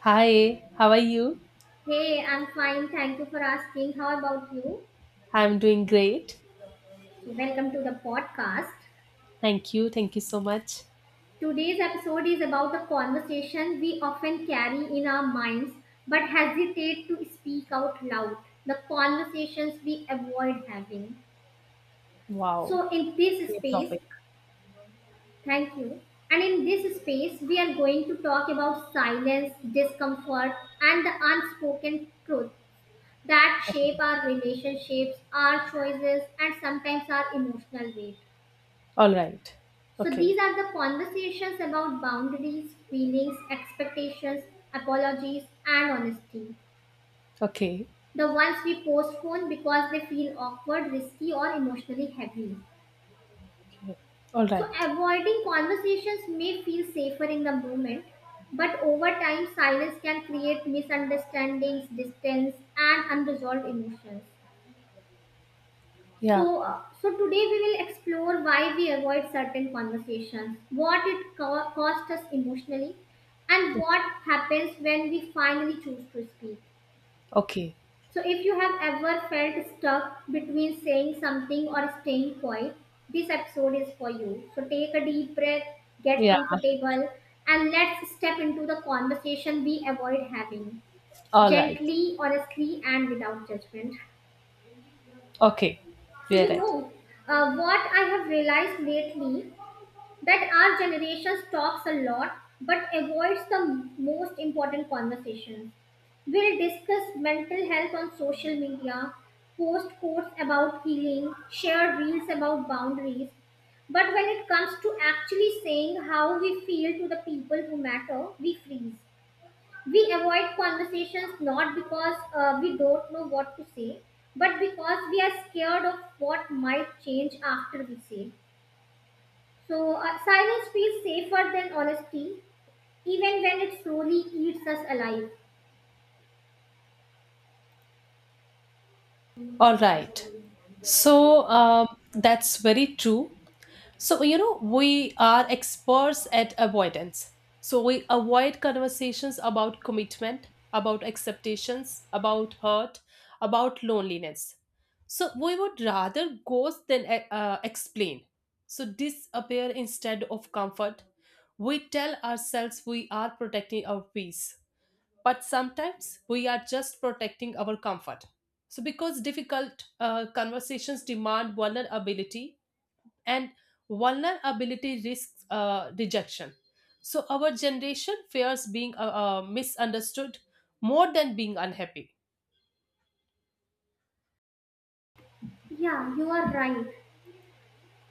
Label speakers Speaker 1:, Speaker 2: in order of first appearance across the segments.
Speaker 1: Hi, how are you?
Speaker 2: Hey, I'm fine. Thank you for asking. How about you?
Speaker 1: I'm doing great.
Speaker 2: So, welcome to the podcast.
Speaker 1: Thank you. Thank you so much.
Speaker 2: Today's episode is about the conversation we often carry in our minds but hesitate to speak out loud. The conversations we avoid having.
Speaker 1: Wow,
Speaker 2: So, in this
Speaker 1: great
Speaker 2: space,
Speaker 1: topic.
Speaker 2: thank you. And in this space, we are going to talk about silence, discomfort, and the unspoken truth that shape our relationships, our choices, and sometimes our emotional weight.
Speaker 1: All right.
Speaker 2: So
Speaker 1: Okay.
Speaker 2: these are the conversations about boundaries, feelings, expectations, apologies, and honesty.
Speaker 1: Okay.
Speaker 2: The ones we postpone because they feel awkward, risky, or emotionally heavy.
Speaker 1: Okay. All
Speaker 2: So
Speaker 1: right.
Speaker 2: avoiding conversations may feel safer in the moment, but over time, silence can create misunderstandings, distance, and unresolved emotions.
Speaker 1: Yeah.
Speaker 2: So today we will explore why we avoid certain conversations, what it costs us emotionally, and what happens when we finally choose to speak.
Speaker 1: Okay.
Speaker 2: So, if you have ever felt stuck between saying something or staying quiet, this episode is for you. So, take a deep breath, get
Speaker 1: Yeah.
Speaker 2: comfortable, and let's step into the conversation we avoid having
Speaker 1: All right.
Speaker 2: gently, honestly, and without judgment.
Speaker 1: Okay.
Speaker 2: So
Speaker 1: You're
Speaker 2: you
Speaker 1: right.
Speaker 2: know what I have realized lately that our generation talks a lot but avoids the most important conversations. We'll discuss mental health on social media, post quotes about healing, share reels about boundaries. But when it comes to actually saying how we feel to the people who matter, we freeze. We avoid conversations not because we don't know what to say, but because we are scared of what might change after we say. So silence feels safer than honesty even when it slowly eats us alive.
Speaker 1: All right. So that's very true. So, you know, we are experts at avoidance. So, we avoid conversations about commitment, about acceptations, about hurt, about loneliness. So, we would rather ghost than explain. So, disappear instead of comfort. We tell ourselves we are protecting our peace, but sometimes we are just protecting our comfort. So, because difficult conversations demand vulnerability, and vulnerability risks rejection. So, our generation fears being misunderstood more than being unhappy.
Speaker 2: Yeah, you are right.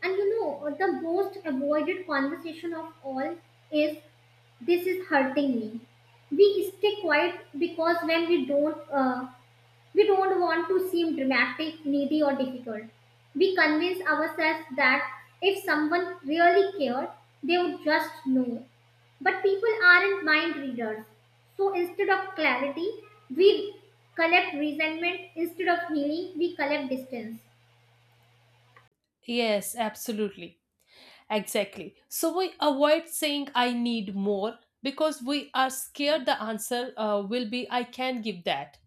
Speaker 2: And you know the most avoided conversation of all is, this is hurting me. We stay quiet because when we don't, we don't want to seem dramatic, needy, or difficult. We convince ourselves that if someone really cared, they would just know. But people aren't mind readers. So instead of clarity, we collect resentment. Instead of healing, we collect distance.
Speaker 1: Yes, absolutely. Exactly. So, we avoid saying I need more because we are scared the answer will be I can give that.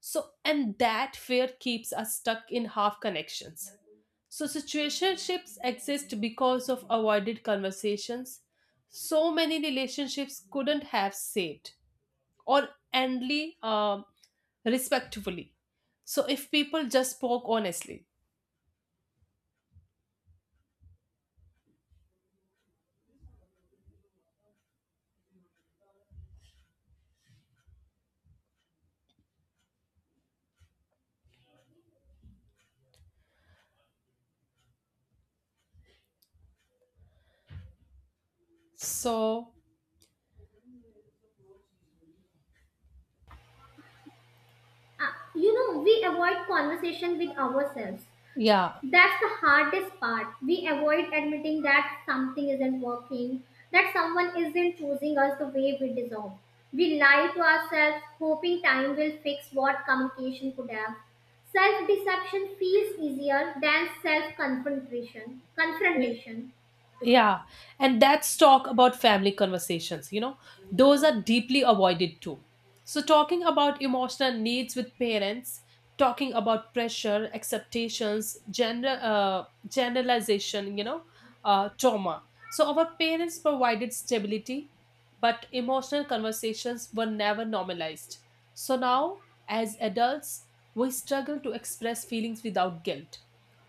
Speaker 1: So, and that fear keeps us stuck in half connections. So, situationships exist because of avoided conversations. So many relationships couldn't have saved or endly respectfully. So, if people just spoke honestly. So,
Speaker 2: You know, we avoid conversation with ourselves.
Speaker 1: yeah.
Speaker 2: That's the hardest part. We avoid admitting that something isn't working, that someone isn't choosing us the way we deserve. We lie to ourselves, hoping time will fix what communication could have. Self deception feels easier than self confrontation. Confrontation.
Speaker 1: Yeah, and that's talk about family conversations, you know, those are deeply avoided too. So, talking about emotional needs with parents, talking about pressure, acceptations, gender, generalization, you know, trauma. So, our parents provided stability, but emotional conversations were never normalized. So, now as adults, we struggle to express feelings without guilt.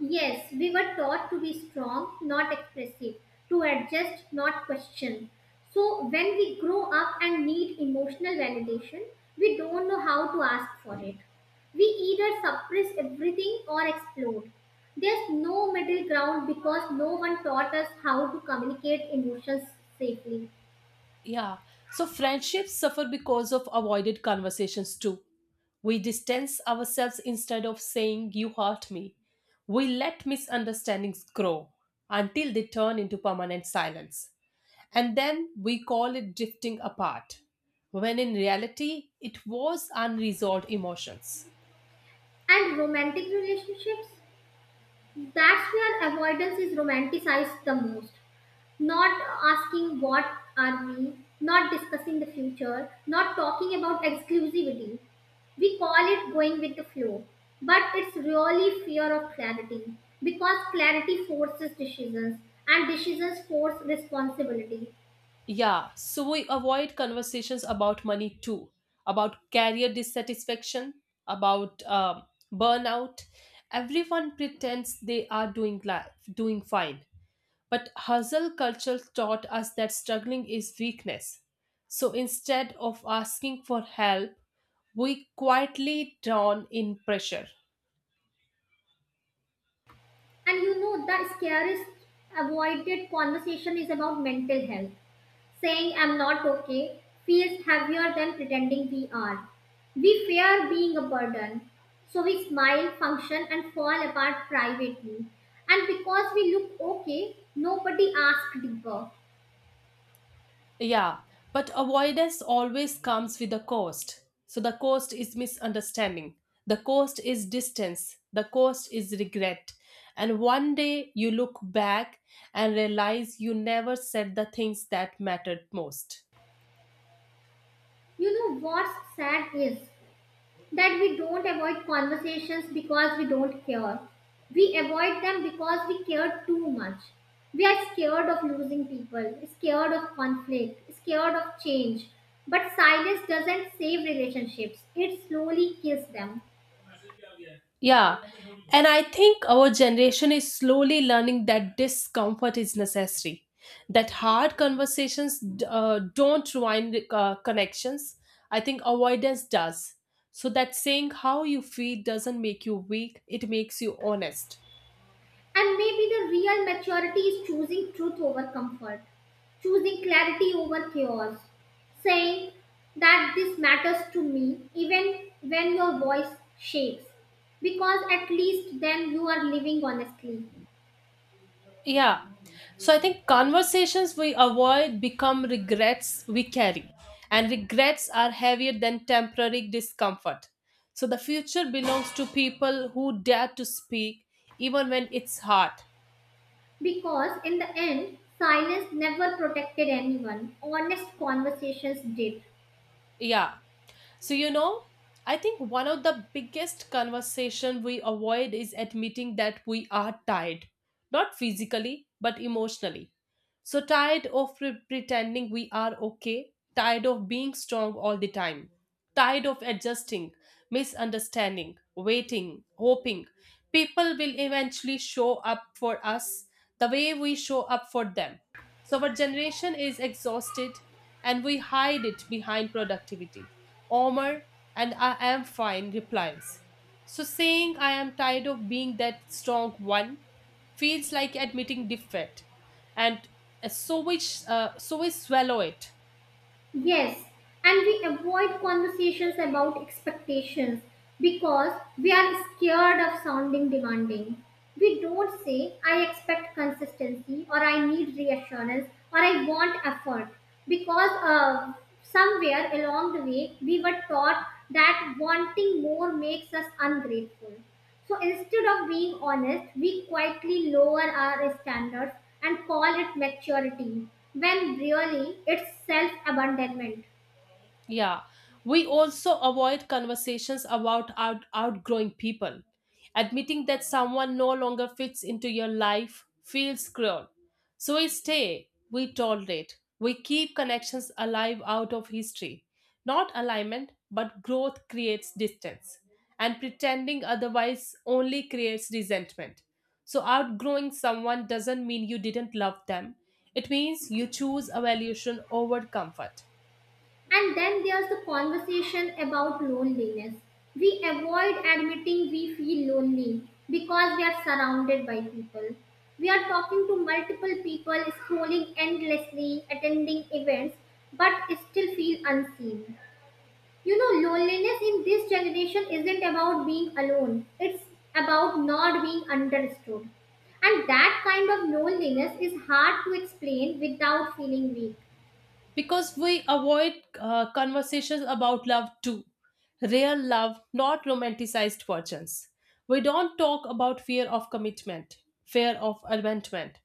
Speaker 2: Yes, we were taught to be strong, not expressive, to adjust, not question. So when we grow up and need emotional validation, we don't know how to ask for it. We either suppress everything or explode. There's no middle ground because no one taught us how to communicate emotions safely.
Speaker 1: Yeah. So friendships suffer because of avoided conversations too. We distance ourselves instead of saying, you hurt me. We let misunderstandings grow until they turn into permanent silence. And then we call it drifting apart, when in reality, it was unresolved emotions.
Speaker 2: And romantic relationships, that's where avoidance is romanticized the most. Not asking what are we, not discussing the future, not talking about exclusivity. We call it going with the flow, but it's really fear of clarity because clarity forces decisions and decisions force responsibility.
Speaker 1: Yeah, so we avoid conversations about money too, about career dissatisfaction, about burnout. Everyone pretends they are doing life, doing fine, but hustle culture taught us that struggling is weakness. So instead of asking for help, we quietly drown in pressure.
Speaker 2: And you know, the scariest avoided conversation is about mental health. Saying I'm not okay feels heavier than pretending we are. We fear being a burden, so we smile, function, and fall apart privately. And because we look okay, nobody asks deeper.
Speaker 1: Yeah, but avoidance always comes with a cost. So the cost is misunderstanding, the cost is distance, the cost is regret. And one day you look back and realize you never said the things that mattered most.
Speaker 2: You know what's sad is that we don't avoid conversations because we don't care. We avoid them because we care too much. We are scared of losing people, scared of conflict, scared of change. But silence doesn't save relationships, it slowly kills them.
Speaker 1: Yeah. And I think our generation is slowly learning that discomfort is necessary, that hard conversations don't ruin connections. I think avoidance does. So that saying how you feel doesn't make you weak, it makes you honest.
Speaker 2: And maybe the real maturity is choosing truth over comfort, choosing clarity over chaos, saying that this matters to me even when your voice shakes. Because at least then you are living honestly.
Speaker 1: Yeah. So I think conversations we avoid become regrets we carry. And regrets are heavier than temporary discomfort. So the future belongs to people who dare to speak, even when it's hard.
Speaker 2: Because in the end, silence never protected anyone, honest conversations did.
Speaker 1: Yeah. So, you know, I think one of the biggest conversation we avoid is admitting that we are tired, not physically, but emotionally. So tired of pretending we are okay, tired of being strong all the time, tired of adjusting, misunderstanding, waiting, hoping. People will eventually show up for us the way we show up for them. So, our generation is exhausted and we hide it behind productivity. Omar and I am fine replies. So, saying I am tired of being that strong one feels like admitting defeat, and so we swallow it.
Speaker 2: Yes, and we avoid conversations about expectations because we are scared of sounding demanding. We don't say, I expect consistency, or I need reassurance, or I want effort, because somewhere along the way we were taught that wanting more makes us ungrateful. So instead of being honest, we quietly lower our standards and call it maturity when really it's self abandonment.
Speaker 1: Yeah, we also avoid conversations about outgrowing people. Admitting that someone no longer fits into your life feels cruel. So we stay, we tolerate, we keep connections alive out of history. Not alignment, but growth creates distance. And pretending otherwise only creates resentment. So, outgrowing someone doesn't mean you didn't love them, it means you choose evaluation over comfort.
Speaker 2: And then there's the conversation about loneliness. We avoid admitting we feel lonely because we are surrounded by people. We are talking to multiple people, scrolling endlessly, attending events, but still feel unseen. You know, loneliness in this generation isn't about being alone, it's about not being understood. And that kind of loneliness is hard to explain without feeling weak.
Speaker 1: Because we avoid conversations about love too, real love, not romanticized versions. We don't talk about fear of commitment, fear of abandonment,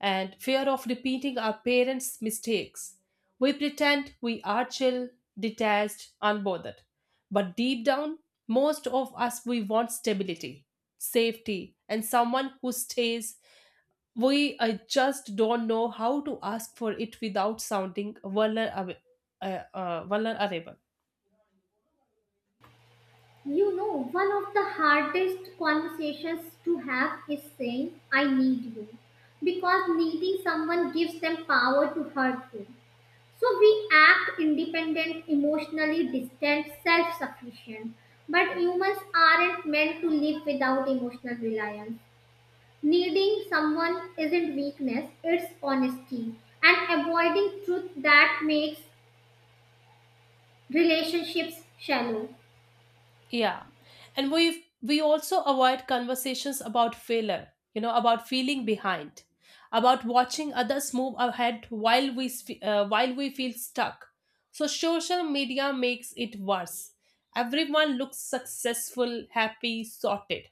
Speaker 1: and fear of repeating our parents mistakes. We pretend we are chill, detached, unbothered, but deep down most of us we want stability, safety, and someone who stays. We just don't know how to ask for it without sounding vulnerable. Vulnerable.
Speaker 2: You know, one of the hardest conversations to have is saying, I need you. Because needing someone gives them power to hurt you. So we act independent, emotionally distant, self sufficient. But humans aren't meant to live without emotional reliance. Needing someone isn't weakness, it's honesty and avoiding truth that makes relationships shallow.
Speaker 1: Yeah, and we also avoid conversations about failure. You know, about feeling behind, about watching others move ahead while we while we feel stuck. So social media makes it worse. Everyone looks successful, happy, sorted.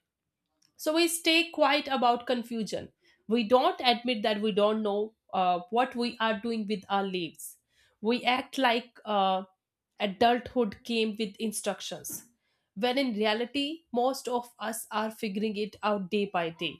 Speaker 1: So we stay quiet about confusion. We don't admit that we don't know what we are doing with our lives. We act like adulthood came with instructions, when in reality, most of us are figuring it out day by day.